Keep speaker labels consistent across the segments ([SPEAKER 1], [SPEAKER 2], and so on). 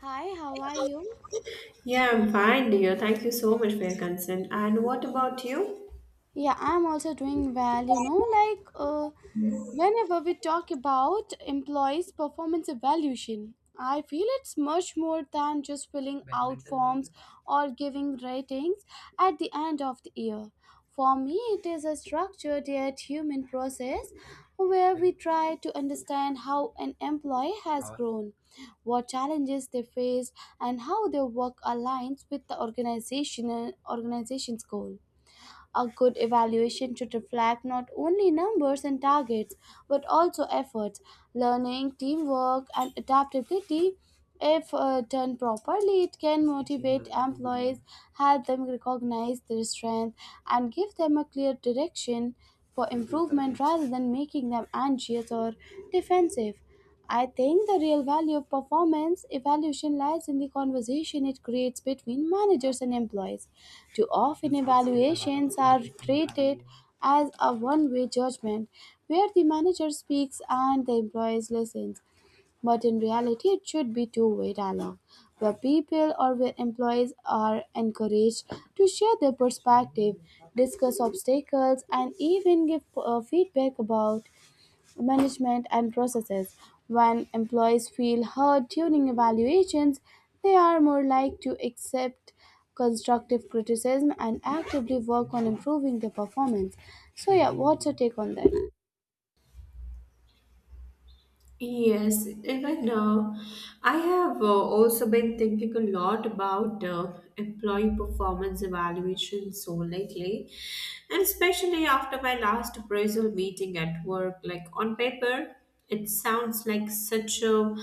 [SPEAKER 1] Hi, how are you?
[SPEAKER 2] Yeah, I'm fine, dear. Thank you so much for your concern. And what about you?
[SPEAKER 1] Yeah, I'm also doing well. Whenever we talk about employees' performance evaluation, I feel it's much more than just filling out forms or giving ratings at the end of the year. For me, it is a structured yet human process where we try to understand how an employee has grown, what challenges they faced, and how their work aligns with the organization's goal. A good evaluation should reflect not only numbers and targets, but also efforts, learning, teamwork, and adaptability. If done properly, it can motivate employees, help them recognize their strength, and give them a clear direction for improvement rather than making them anxious or defensive. I think the real value of performance evaluation lies in the conversation it creates between managers and employees. Too often, evaluations are treated as a one way judgment where the manager speaks and the employee listens. But in reality, it should be two-way dialogue where people or where employees are encouraged to share their perspective, discuss obstacles, and even give feedback about management and processes. When employees feel heard during evaluations, they are more likely to accept constructive criticism and actively work on improving their performance. So, yeah, what's your take on that?
[SPEAKER 2] Yes, even I have also been thinking a lot about employee performance evaluation so lately, and especially after my last appraisal meeting at work. Like on paper, it sounds like such a,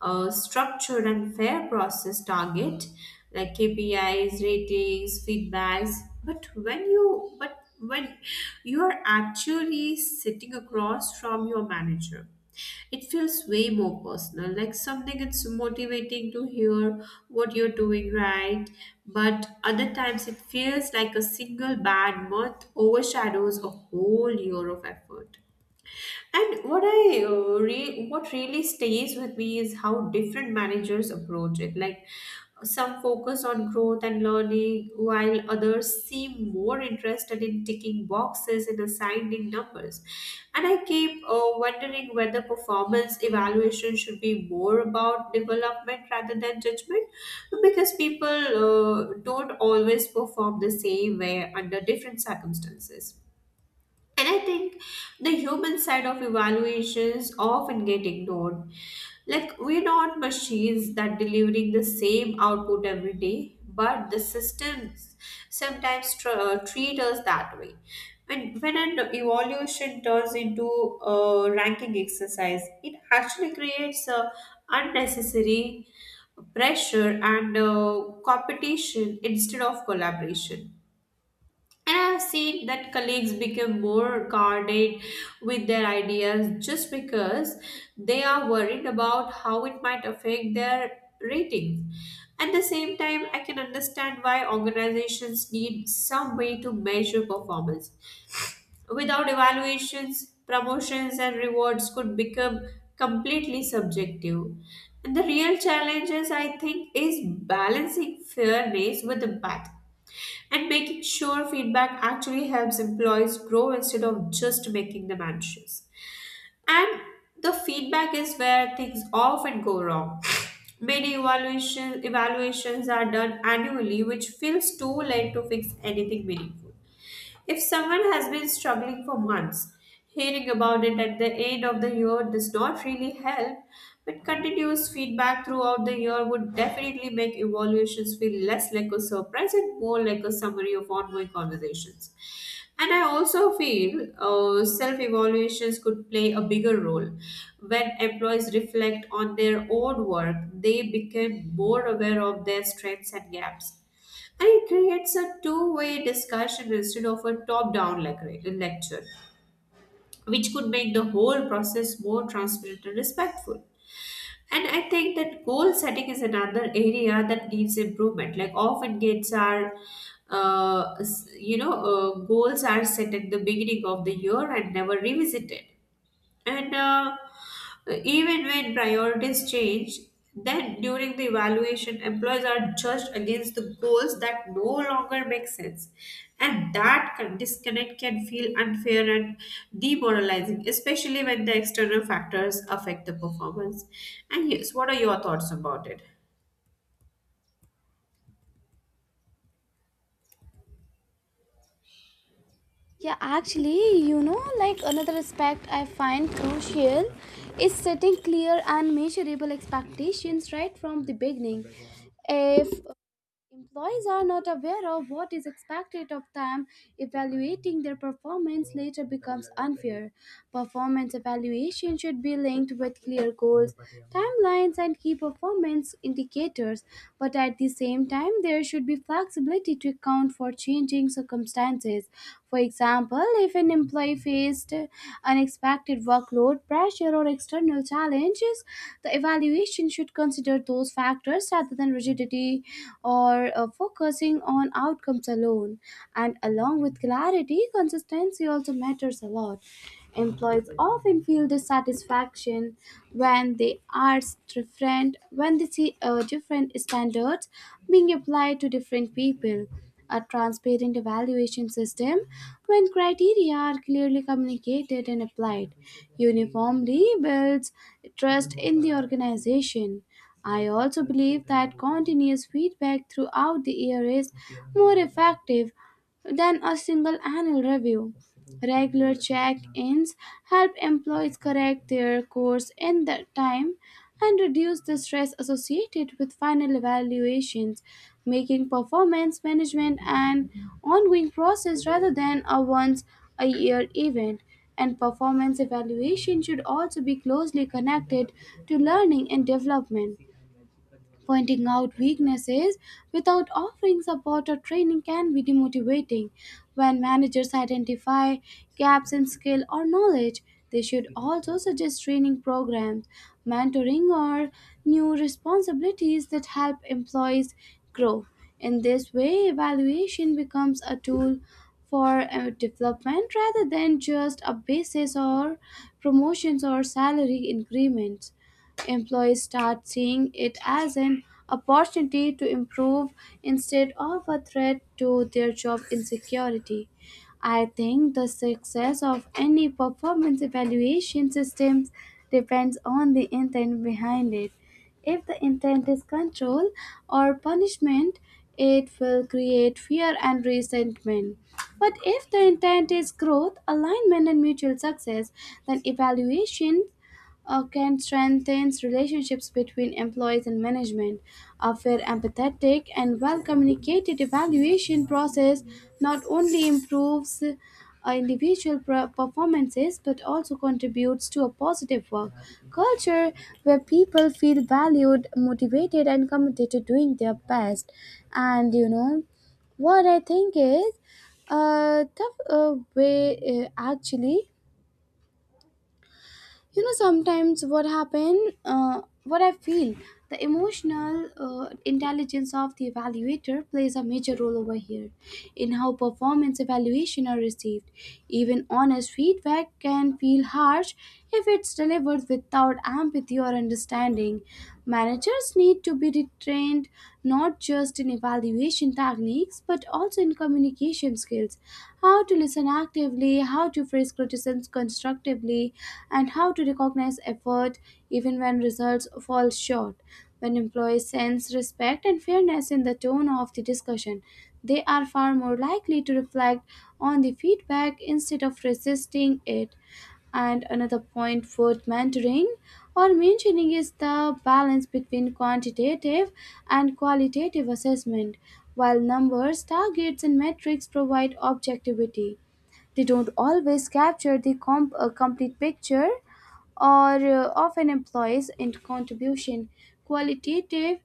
[SPEAKER 2] structured and fair process target, like KPIs, ratings, feedbacks. But when you are actually sitting across from your manager, it feels way more personal, like something it's motivating to hear what you're doing right. But other times it feels like a single bad month overshadows a whole year of effort. And what I what really stays with me is how different managers approach it. Like some focus on growth and learning, while others seem more interested in ticking boxes and assigning numbers. And I keep wondering whether performance evaluation should be more about development rather than judgment, because people don't always perform the same way under different circumstances. And I think the human side of evaluations often get ignored. Like we're not machines that delivering the same output every day, but the systems sometimes treat us that way. When an evaluation turns into a ranking exercise, it actually creates a unnecessary pressure and competition instead of collaboration. And I have seen that colleagues become more guarded with their ideas just because they are worried about how it might affect their ratings. At the same time, I can understand why organizations need some way to measure performance. Without evaluations, promotions and rewards could become completely subjective. And the real challenges, I think, is balancing fairness with impact and making sure feedback actually helps employees grow instead of just making them anxious. And the feedback is where things often go wrong. Many evaluations are done annually, which feels too late to fix anything meaningful. If someone has been struggling for months, hearing about it at the end of the year does not really help, but continuous feedback throughout the year would definitely make evaluations feel less like a surprise and more like a summary of ongoing conversations. And I also feel self evaluations could play a bigger role. When employees reflect on their own work, they become more aware of their strengths and gaps. And it creates a two-way discussion instead of a top down lecture, which could make the whole process more transparent and respectful. And I think that goal setting is another area that needs improvement. Like often gates are, s- you know, goals are set at the beginning of the year and never revisited. And even when priorities change, then during the evaluation, employees are judged against the goals that no longer make sense. And that disconnect can feel unfair and demoralizing, especially when the external factors affect the performance. And yes, what are your thoughts about it?
[SPEAKER 1] Yeah, actually, you know, like another aspect I find crucial is setting clear and measurable expectations right from the beginning. If employees are not aware of what is expected of them, evaluating their performance later becomes unfair. Performance evaluation should be linked with clear goals, timelines, and key performance indicators. But at the same time, there should be flexibility to account for changing circumstances. For example, if an employee faced unexpected workload, pressure, or external challenges, the evaluation should consider those factors rather than rigidity intensity or focusing on outcomes alone. And along with clarity, consistency also matters a lot. Employees often feel dissatisfaction when they are when they see different standards being applied to different people. A transparent evaluation system when criteria are clearly communicated and applied uniformly builds trust in the organization. I also believe that continuous feedback throughout the year is more effective than a single annual review. Regular check ins help employees correct their course in the time and reduce the stress associated with final evaluations, making performance management an ongoing process rather than a once a year event. And performance evaluation should also be closely connected to learning and development. Pointing out weaknesses without offering support or training can be demotivating. When managers identify gaps in skill or knowledge, they should also suggest training programs, mentoring, or new responsibilities that help employees grow. In this way, evaluation becomes a tool for development rather than just a basis or promotions or salary increments. Employees start seeing it as an opportunity to improve instead of a threat to their job insecurity. I think the success of any performance evaluation systems depends on the intent behind it. If the intent is control or punishment, it will create fear and resentment. But if the intent is growth, alignment, and mutual success, then evaluations can strengthen relationships between employees and management. A fair, empathetic, and well communicated evaluation process not only improves individual performances but also contributes to a positive work culture where people feel valued, motivated, and committed to doing their best. And you know, what I think is a tough way actually you know sometimes what happen what I feel the emotional intelligence of the evaluator plays a major role over here in how performance evaluation are received. Even honest feedback can feel harsh if it's delivered without empathy or understanding. Managers need to be retrained not just in evaluation techniques but also in communication skills, how to listen actively, how to phrase criticisms constructively, and how to recognize effort even when results fall short. When employees sense respect and fairness in the tone of the discussion, they are far more likely to reflect on the feedback instead of resisting it. And another point worth mentoring or mentioning is the balance between quantitative and qualitative assessment. While numbers, targets, and metrics provide objectivity, they don't always capture the complete picture or of an employee's in contribution. Qualitative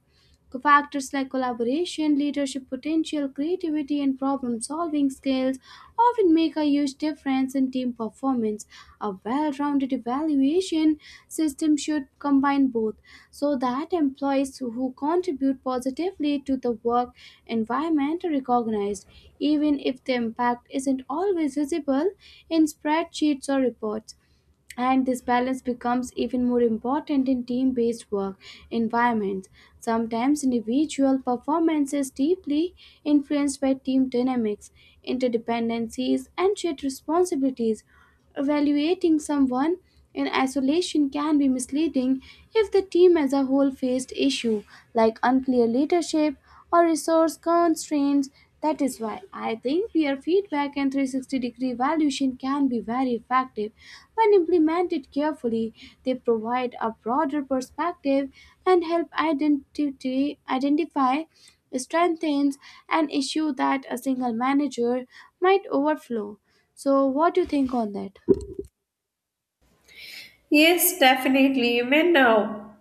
[SPEAKER 1] factors like collaboration, leadership potential, creativity, and problem solving skills often make a huge difference in team performance. A well rounded evaluation system should combine both so that employees who contribute positively to the work environment are recognized, even if the impact isn't always visible in spreadsheets or reports. And this balance becomes even more important in team-based work environments. Sometimes individual performance is deeply influenced by team dynamics, interdependencies, and shared responsibilities. Evaluating someone in isolation can be misleading if the team as a whole faced issues like unclear leadership or resource constraints. That is why I think peer feedback and 360 degree evaluation can be very effective when implemented carefully. They provide a broader perspective and help identify strengths and issues that a single manager might overflow. So, what do you think on that?
[SPEAKER 2] Yes, definitely. I mean, uh,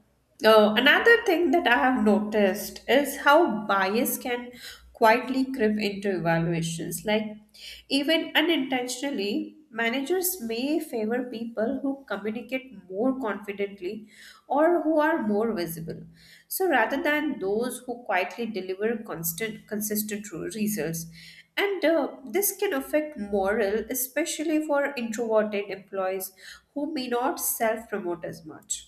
[SPEAKER 2] uh, another thing that I have noticed is how bias can quietly creep into evaluations. Like, even unintentionally, managers may favor people who communicate more confidently or who are more visible. So, rather than those who quietly deliver consistent results. And this can affect morale, especially for introverted employees who may not self promote as much.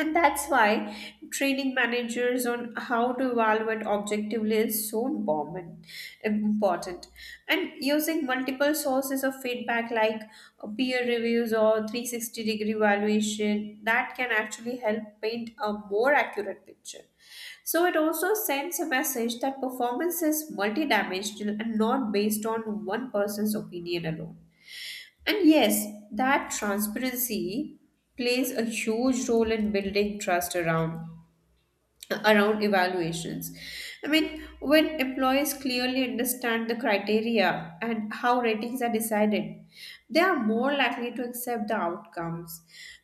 [SPEAKER 2] And that's why training managers on how to evaluate objectively is so important. And using multiple sources of feedback like peer reviews or 360 degree evaluation, that can actually help paint a more accurate picture. So it also sends a message that performance is multidimensional and not based on one person's opinion alone. And yes, that transparency plays a huge role in building trust around evaluations. I mean, when employees clearly understand the criteria and how ratings are decided, they are more likely to accept the outcomes,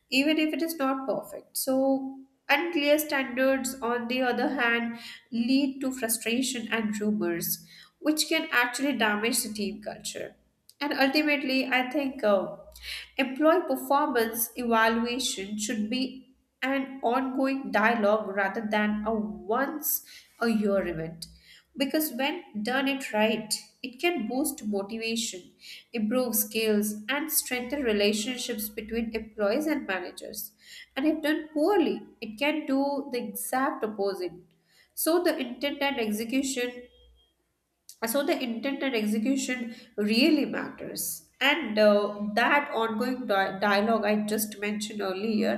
[SPEAKER 2] even if it is not perfect. So, unclear standards, on the other hand, lead to frustration and rumors, which can actually damage the team culture. And ultimately, I think employee performance evaluation should be an ongoing dialogue rather than a once a year event. Because when done it right, it can boost motivation, improve skills, and strengthen relationships between employees and managers. And if done poorly, it can do the exact opposite. So, the intent and execution so the intent and execution really matters and that ongoing dialogue I just mentioned earlier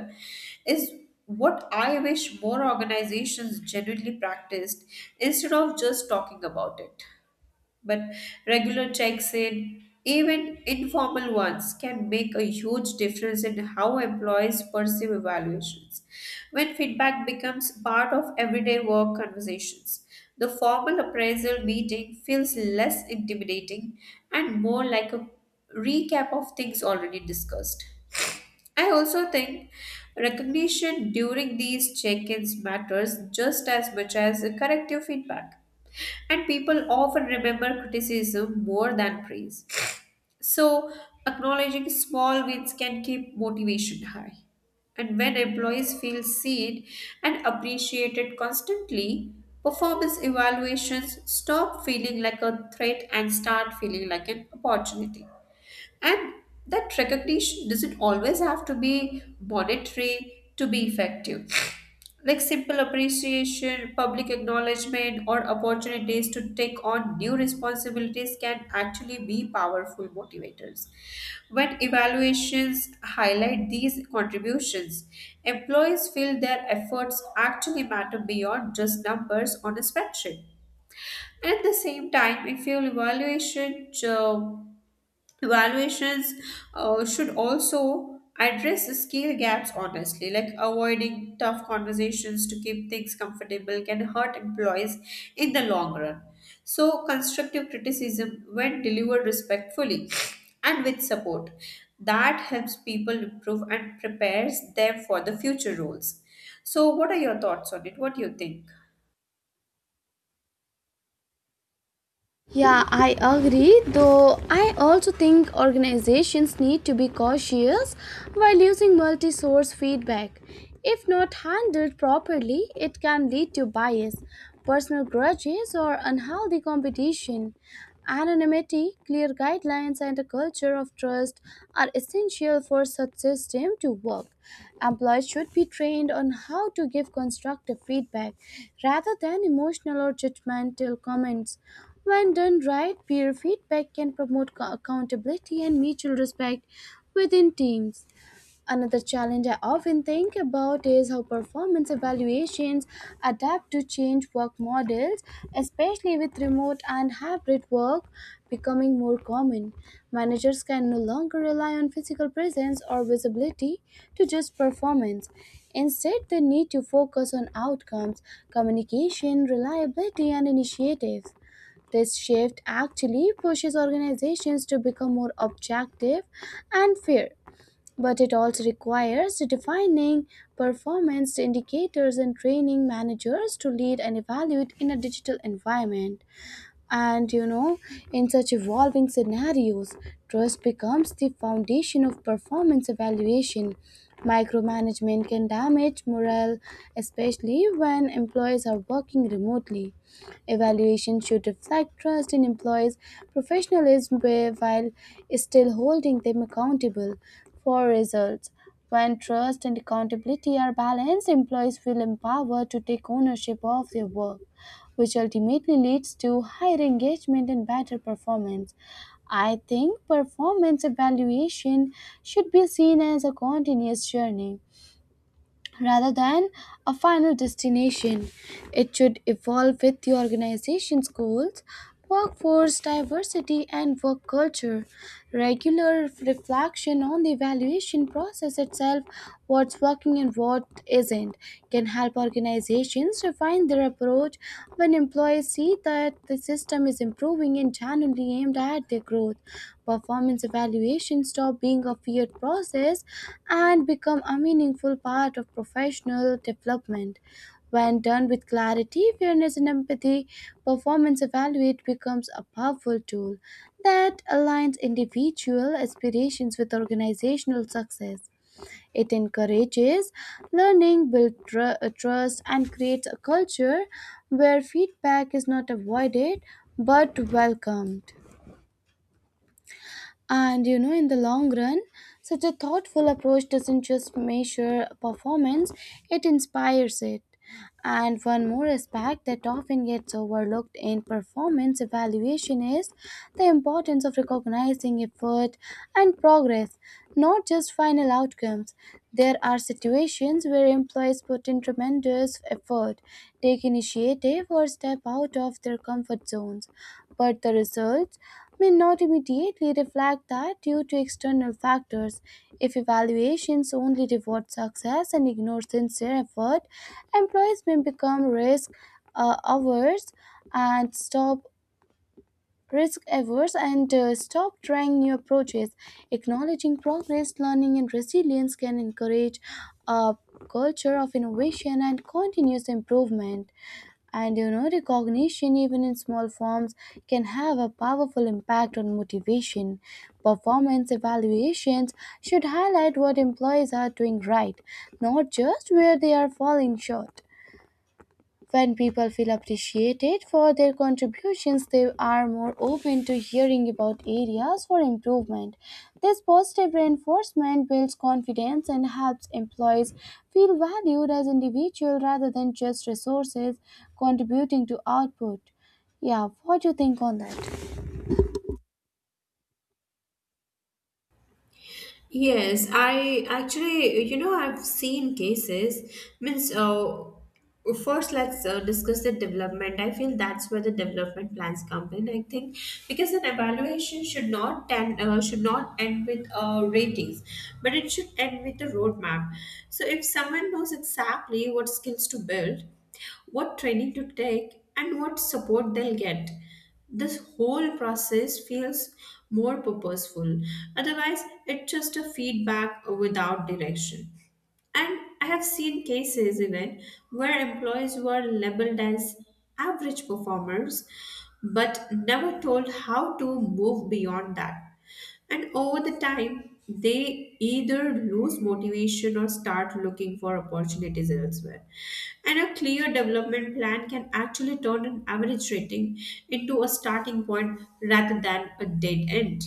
[SPEAKER 2] is what I wish more organizations genuinely practiced instead of just talking about it, but regular checks in, even informal ones, can make a huge difference in how employees perceive evaluations. When feedback becomes part of everyday work conversations, the formal appraisal meeting feels less intimidating and more like a recap of things already discussed. I also think recognition during these check ins matters just as much as corrective feedback. And people often remember criticism more than praise. So, acknowledging small wins can keep motivation high. And when employees feel seen and appreciated constantly, performance evaluations stop feeling like a threat and start feeling like an opportunity. And that recognition doesn't always have to be monetary to be effective. Like simple appreciation, public acknowledgement, or opportunities to take on new responsibilities can actually be powerful motivators. When evaluations highlight these contributions, employees feel their efforts actually matter beyond just numbers on a spreadsheet. And at the same time, if your evaluation Evaluations should also address the skill gaps honestly, like avoiding tough conversations to keep things comfortable can hurt employees in the long run. So, constructive criticism, when delivered respectfully and with support, that helps people improve and prepares them for the future roles. So, what are your thoughts on it? What do you think?
[SPEAKER 1] Yeah, I agree, though I also think organizations need to be cautious while using multi source feedback. If not handled properly, it can lead to bias, personal grudges, or unhealthy competition. Anonymity, clear guidelines, and a culture of trust are essential for such system to work. Employees should be trained on how to give constructive feedback rather than emotional or judgmental comments. When done right, peer feedback can promote accountability and mutual respect within teams. Another challenge I often think about is how performance evaluations adapt to change work models, especially with remote and hybrid work becoming more common. Managers can no longer rely on physical presence or visibility to judge performance. Instead, they need to focus on outcomes, communication, reliability, and initiatives. This shift actually pushes organizations to become more objective and fair, but it also requires defining performance indicators and training managers to lead and evaluate in a digital environment. And you know, in such evolving scenarios, trust becomes the foundation of performance evaluation. Micromanagement can damage morale, especially when employees are working remotely. Evaluation should reflect trust in employees' professionalism while still holding them accountable for results. When trust and accountability are balanced, employees feel empowered to take ownership of their work which ultimately leads to higher engagement and better performance. I think performance evaluation should be seen as a continuous journey rather than a final destination. It should evolve with the organization's goals, workforce diversity, and work culture. Regular reflection on the evaluation process itself, what's working and what isn't, can help organizations refine their approach when employees see that the system is improving and genuinely aimed at their growth. Performance evaluation stop being a feared process and become a meaningful part of professional development. When done with clarity, fairness, and empathy, performance evaluate becomes a powerful tool that aligns individual aspirations with organizational success. It encourages learning, builds trust, and creates a culture where feedback is not avoided but welcomed. And you know, in the long run, such a thoughtful approach doesn't just measure performance, it inspires it. And one more aspect that often gets overlooked in performance evaluation is the importance of recognizing effort and progress, not just final outcomes. There are situations where employees put in tremendous effort, take initiative, or step out of their comfort zones, but the results may not immediately reflect that due to external factors. If evaluations only reward success and ignore sincere effort, employees may become uh, averse and stop risk averse and stop trying new approaches. Acknowledging progress, learning, and resilience can encourage a culture of innovation and continuous improvement. And you know, recognition, even in small forms, can have a powerful impact on motivation. Performance evaluations should highlight what employees are doing right, not just where they are falling short. When people feel appreciated for their contributions, they are more open to hearing about areas for improvement. This positive reinforcement builds confidence and helps employees feel valued as individuals rather than just resources contributing to output. Yeah, what do you think on that?
[SPEAKER 2] Yes, I actually, you know, I've seen cases. Means, uh, first let's discuss the development. I feel that's where the development plans come in. I think because an evaluation should not end with ratings, but it should end with a roadmap. So if someone knows exactly what skills to build, what training to take, and what support they'll get. This whole process feels more purposeful. Otherwise, it's just a feedback without direction. And I have seen cases even where employees were labeled as average performers but never told how to move beyond that. And over the time, they either lose motivation or start looking for opportunities elsewhere. And a clear development plan can actually turn an average rating into a starting point rather than a dead end.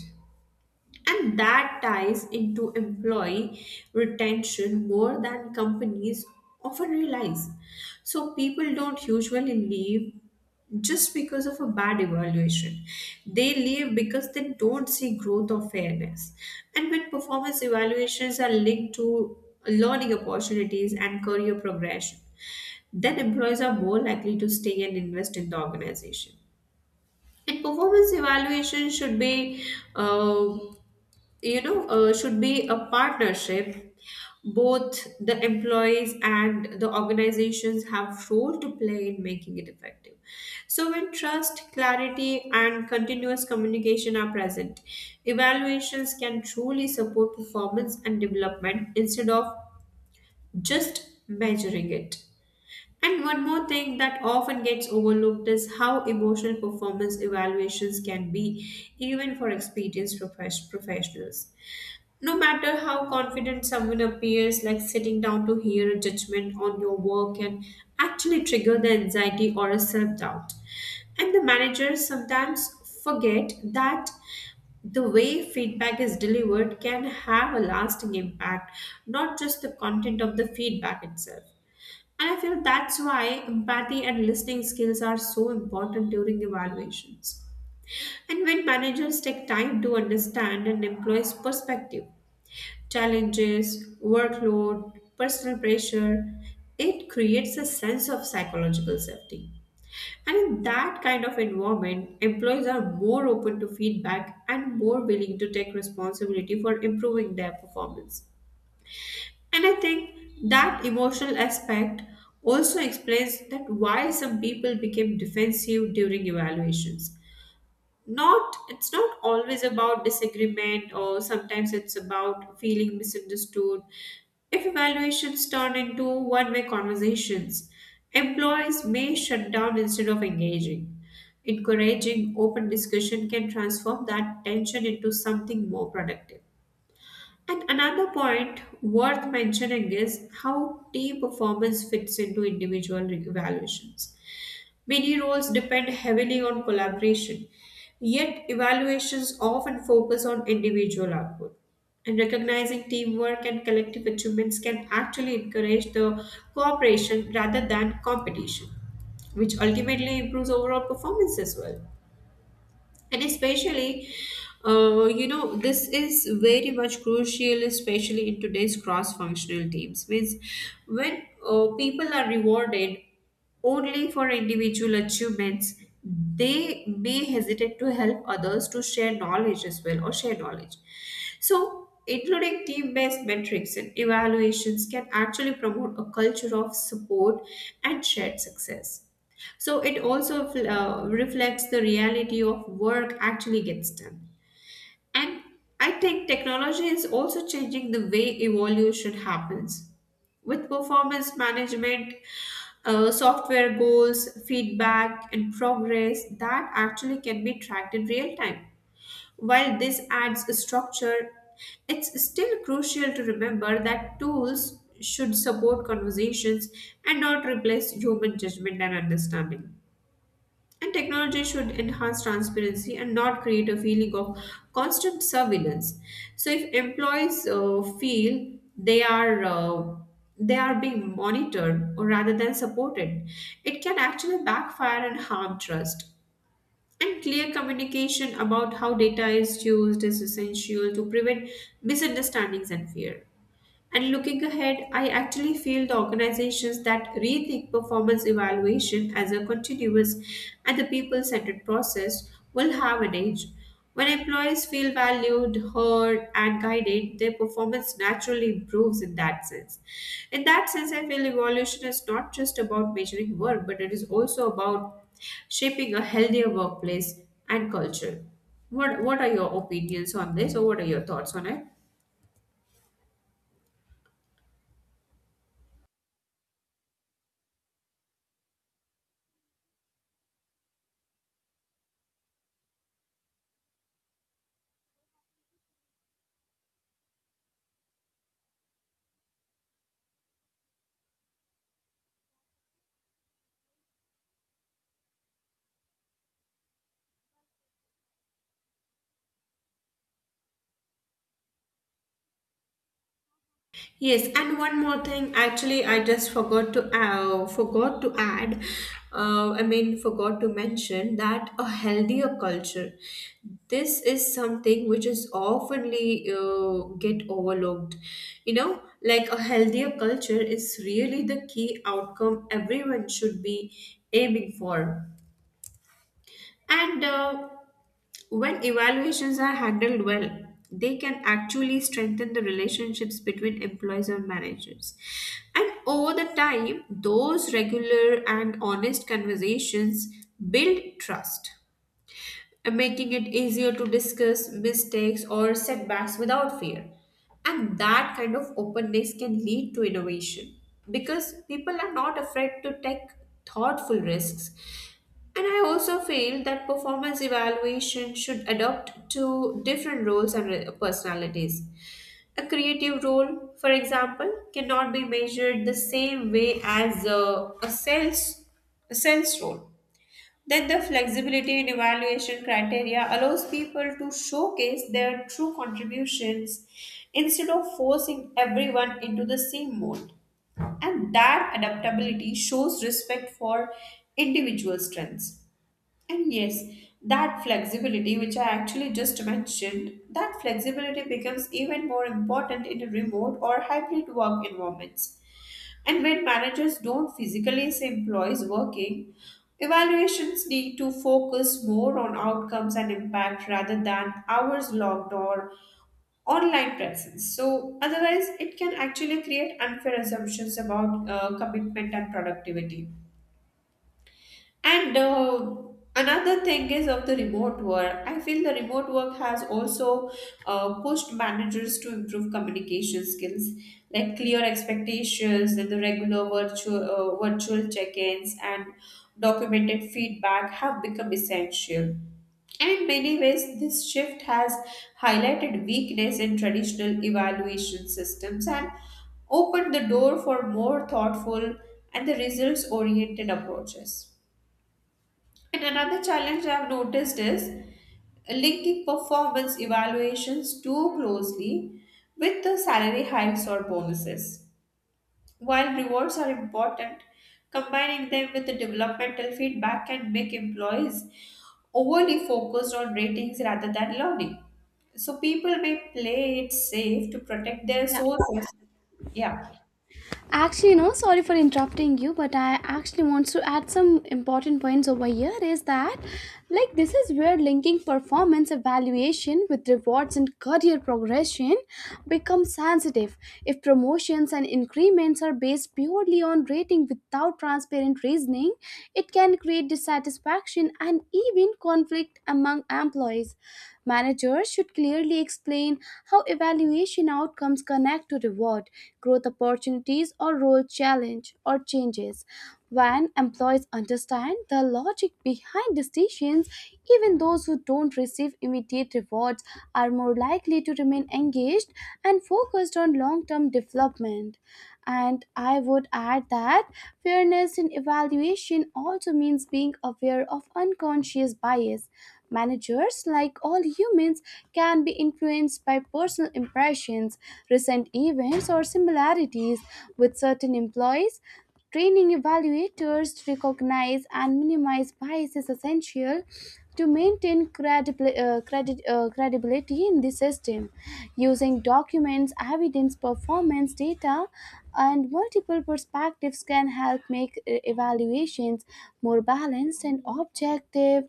[SPEAKER 2] And that ties into employee retention more than companies often realize. So people don't usually leave just because of a bad evaluation. They leave because they don't see growth or fairness. And when performance evaluations are linked to learning opportunities and career progression, then employees are more likely to stay and invest in the organization. And performance evaluation should uh, should be a partnership. Both the employees and the organizations have role to play in making it effective. So when trust, clarity, and continuous communication are present, evaluations can truly support performance and development instead of just measuring it. And one more thing that often gets overlooked is how emotional performance evaluations can be, even for experienced professionals. No matter how confident someone appears, like sitting down to hear a judgment on your work can actually trigger the anxiety or a self doubt. And the managers sometimes forget that the way feedback is delivered can have a lasting impact, not just the content of the feedback itself. And I feel that's why empathy and listening skills are so important during evaluations. And when managers take time to understand an employee's perspective, challenges, workload, personal pressure, it creates a sense of psychological safety. And in that kind of environment, employees are more open to feedback and more willing to take responsibility for improving their performance. And I think that emotional aspect also explains that why some people became defensive during evaluations. Not it's not always about disagreement or sometimes it's about feeling misunderstood. If evaluations turn into one-way conversations, employees may shut down instead of engaging. Encouraging open discussion can transform that tension into something more productive. And another point worth mentioning is how team performance fits into individual evaluations. Many roles depend heavily on collaboration, yet, evaluations often focus on individual output. And recognizing teamwork and collective achievements can actually encourage the cooperation rather than competition, which ultimately improves overall performance as well. And especially, you know, this is very much crucial, especially in today's cross functional teams. Means when people are rewarded only for individual achievements, they may hesitate to help others to share knowledge as well or share knowledge. So, including team based metrics and evaluations can actually promote a culture of support and shared success. So it also reflects the reality of work actually gets done. And I think technology is also changing the way evolution happens. With performance management, software goals, feedback, and progress that actually can be tracked in real time. While this adds a structure, it's still crucial to remember that tools should support conversations and not replace human judgment and understanding. And technology should enhance transparency and not create a feeling of constant surveillance. So if employees feel they are being monitored or rather than supported, it can actually backfire and harm trust. And clear communication about how data is used is essential to prevent misunderstandings and fear. And looking ahead, I actually feel the organizations that rethink performance evaluation as a continuous and the people centered process will have an edge. When employees feel valued, heard, and guided, their performance naturally improves in that sense. In that sense, I feel evolution is not just about measuring work, but it is also about shaping a healthier workplace and culture. What are your opinions on this, or what are your thoughts on it? Yes, and one more thing. Actually, I just forgot to forgot to add. I mean, forgot to mention that a healthier culture. This is something which is oftenly get overlooked. You know, like a healthier culture is really the key outcome everyone should be aiming for and when evaluations are handled well, they can actually strengthen the relationships between employees and managers. And over the time, those regular and honest conversations build trust and making it easier to discuss mistakes or setbacks without fear. And that kind of openness can lead to innovation because people are not afraid to take thoughtful risks. And I also feel that performance evaluation should adapt to different roles and personalities. A creative role, for example, cannot be measured the same way as a sales role, then the flexibility in evaluation criteria allows people to showcase their true contributions instead of forcing everyone into the same mold. And that adaptability shows respect for individual strengths. And yes, that flexibility, which I actually just mentioned, that flexibility becomes even more important in a remote or hybrid work environments, and when managers don't physically see employees working, evaluations need to focus more on outcomes and impact rather than hours logged or online presence. So, otherwise, it can actually create unfair assumptions about commitment and productivity. And another thing is of the remote work. I feel the remote work has also pushed managers to improve communication skills, like clear expectations and the regular virtual check-ins and documented feedback have become essential. And in many ways, this shift has highlighted weakness in traditional evaluation systems and opened the door for more thoughtful and the results-oriented approaches. And another challenge I've noticed is linking performance evaluations too closely with the salary hikes or bonuses. While rewards are important, combining them with the developmental feedback can make employees overly focused on ratings rather than learning. So people may play it safe to protect their
[SPEAKER 1] Yeah,
[SPEAKER 2] sources. Yeah.
[SPEAKER 1] actually, no, sorry for interrupting you, but I actually wants to add some important points over here is that like this is where linking performance evaluation with rewards and career progression becomes sensitive. If promotions and increments are based purely on rating without transparent reasoning, it can create dissatisfaction and even conflict among employees. Managers should clearly explain how evaluation outcomes connect to reward, growth opportunities, or role challenge or changes. When employees understand the logic behind decisions, even those who don't receive immediate rewards are more likely to remain engaged and focused on long term development. And I would add that fairness in evaluation also means being aware of unconscious bias. Managers, like all humans, opinions can be influenced by personal impressions, recent events, or similarities with certain employees. Training evaluators to recognize and minimize bias is essential to maintain credibility in the system. Using documents, evidence, performance data, and multiple perspectives can help make evaluations more balanced and objective,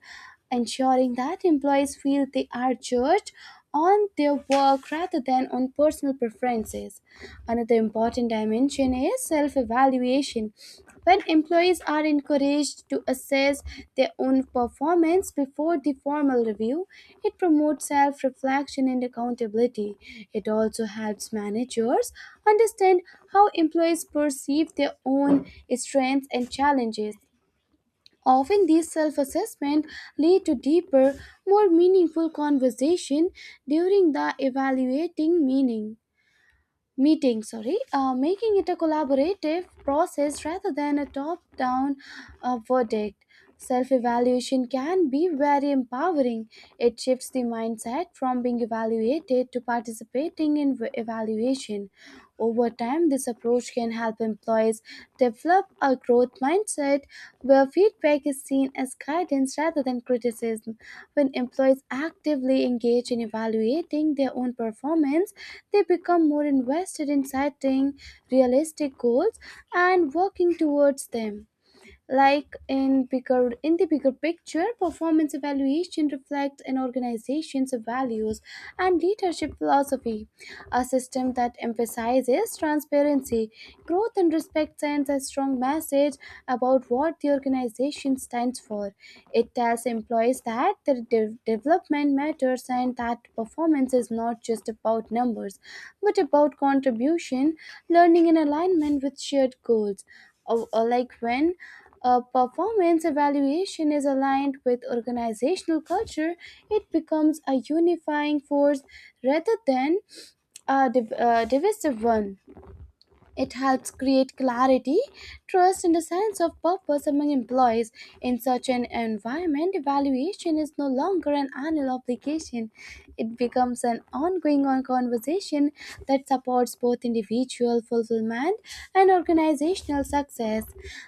[SPEAKER 1] ensuring that employees feel they are judged on their work rather than on personal preferences. Another important dimension is self evaluation. When employees are encouraged to assess their own performance before the formal review, it promotes self reflection and accountability. It also helps managers understand how employees perceive their own strengths and challenges. Often these self-assessment lead to deeper, more meaningful conversation during the evaluating meaning meeting, sorry, making it a collaborative process rather than a top-down verdict. Self-evaluation can be very empowering. It shifts the mindset from being evaluated to participating in evaluation. Over time, this approach can help employees develop a growth mindset where feedback is seen as guidance rather than criticism. When employees actively engage in evaluating their own performance, they become more invested in setting realistic goals and working towards them. Like in the bigger picture, performance evaluation reflects an organization's values and leadership philosophy. A system that emphasizes transparency, growth, and respect sends a strong message about what the organization stands for. It tells employees that their development matters and that performance is not just about numbers, but about contribution, learning, and alignment with shared goals. Or like when a performance evaluation is aligned with organizational culture, it becomes a unifying force rather than a divisive one. It helps create clarity, trust, and a sense of purpose among employees. In such an environment, evaluation is no longer an annual obligation. It becomes an ongoing conversation that supports both individual fulfillment and organizational success.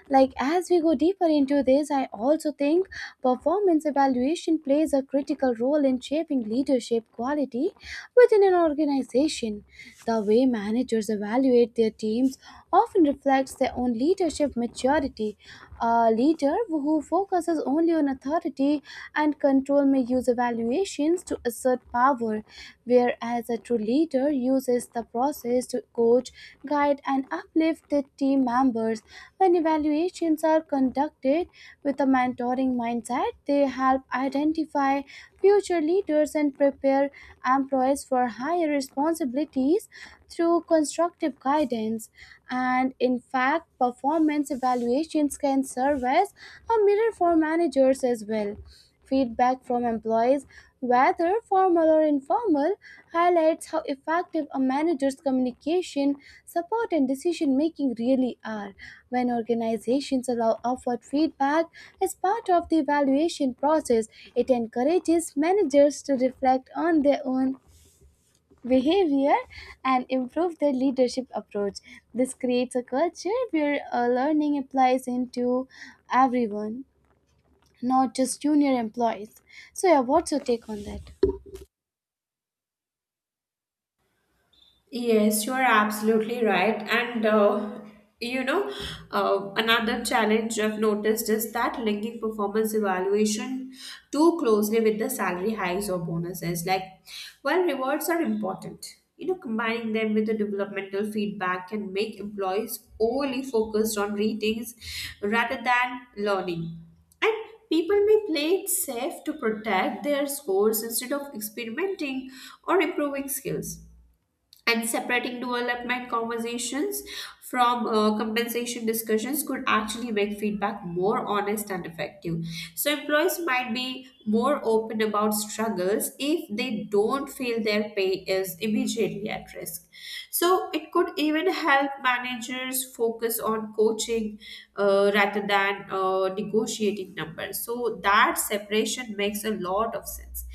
[SPEAKER 1] Like, as we go deeper into this, I also think performance evaluation plays a critical role in shaping leadership quality within an organization. The way managers evaluate their teams often reflects their own leadership maturity. A leader who focuses only on authority and control may use evaluations to assert power, whereas a true leader uses the process to coach, guide, and uplift their team members. When evaluations are conducted with a mentoring mindset, they help identify future leaders and prepare employees for higher responsibilities through constructive guidance. And in fact, performance evaluations can serve as a mirror for managers as well. Feedback from employees, whether formal or informal, highlights how effective a manager's communication, support, and decision making really are. When organizations allow upward feedback as part of the evaluation process, it encourages managers to reflect on their own behavior and improve their leadership approach. This creates a culture where learning applies into everyone, not just junior employees. So, yeah, what's your take on that?
[SPEAKER 2] Yes, you are absolutely right. And you know, another challenge I've noticed is that linking performance evaluation too closely with the salary hikes or bonuses. Like, while rewards are important, you know, combining them with the developmental feedback can make employees overly focused on ratings rather than learning. And people may play it safe to protect their scores instead of experimenting or improving skills, and separating development conversations from compensation discussions could actually make feedback more honest and effective. So, employees might be more open about struggles if they don't feel their pay is immediately at risk. So, it could even help managers focus on coaching, rather than negotiating numbers. So, that separation makes a lot of sense,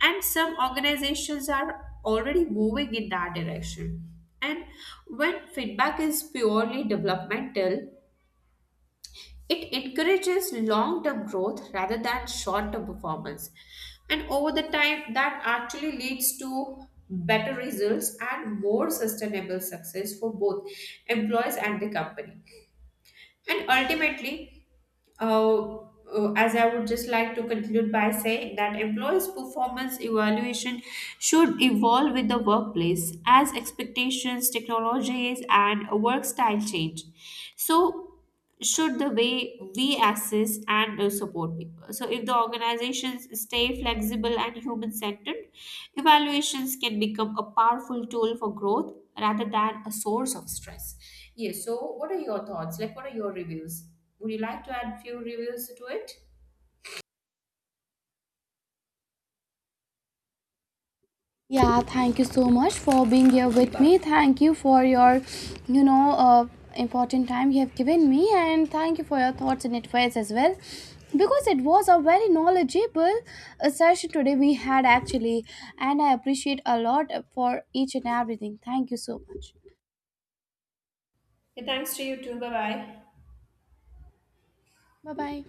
[SPEAKER 2] and some organizations are already moving in that direction, and when feedback is purely developmental, it encourages long term growth rather than short term performance, and over the time that actually leads to better results and more sustainable success for both employees and the company. And ultimately, as I would just like to conclude by saying that employees' performance evaluation should evolve with the workplace as expectations, technologies, and work style change. So, should the way we assess and support people. So, if the organizations stay flexible and human centered, evaluations can become a powerful tool for growth rather than a source of stress. Yes, so what are your thoughts? Like, what are your reviews? Would you like to add few reviews to it?
[SPEAKER 1] Yeah, thank you so much for being here with me. Thank you for your, you know, uh, important time you have given me, and thank you for your thoughts and advice as well. Because it was a very knowledgeable session today we had actually, and I appreciate a lot for each and everything. Thank you so much.
[SPEAKER 2] Yeah, thanks to you too. Bye bye.
[SPEAKER 1] Bye bye.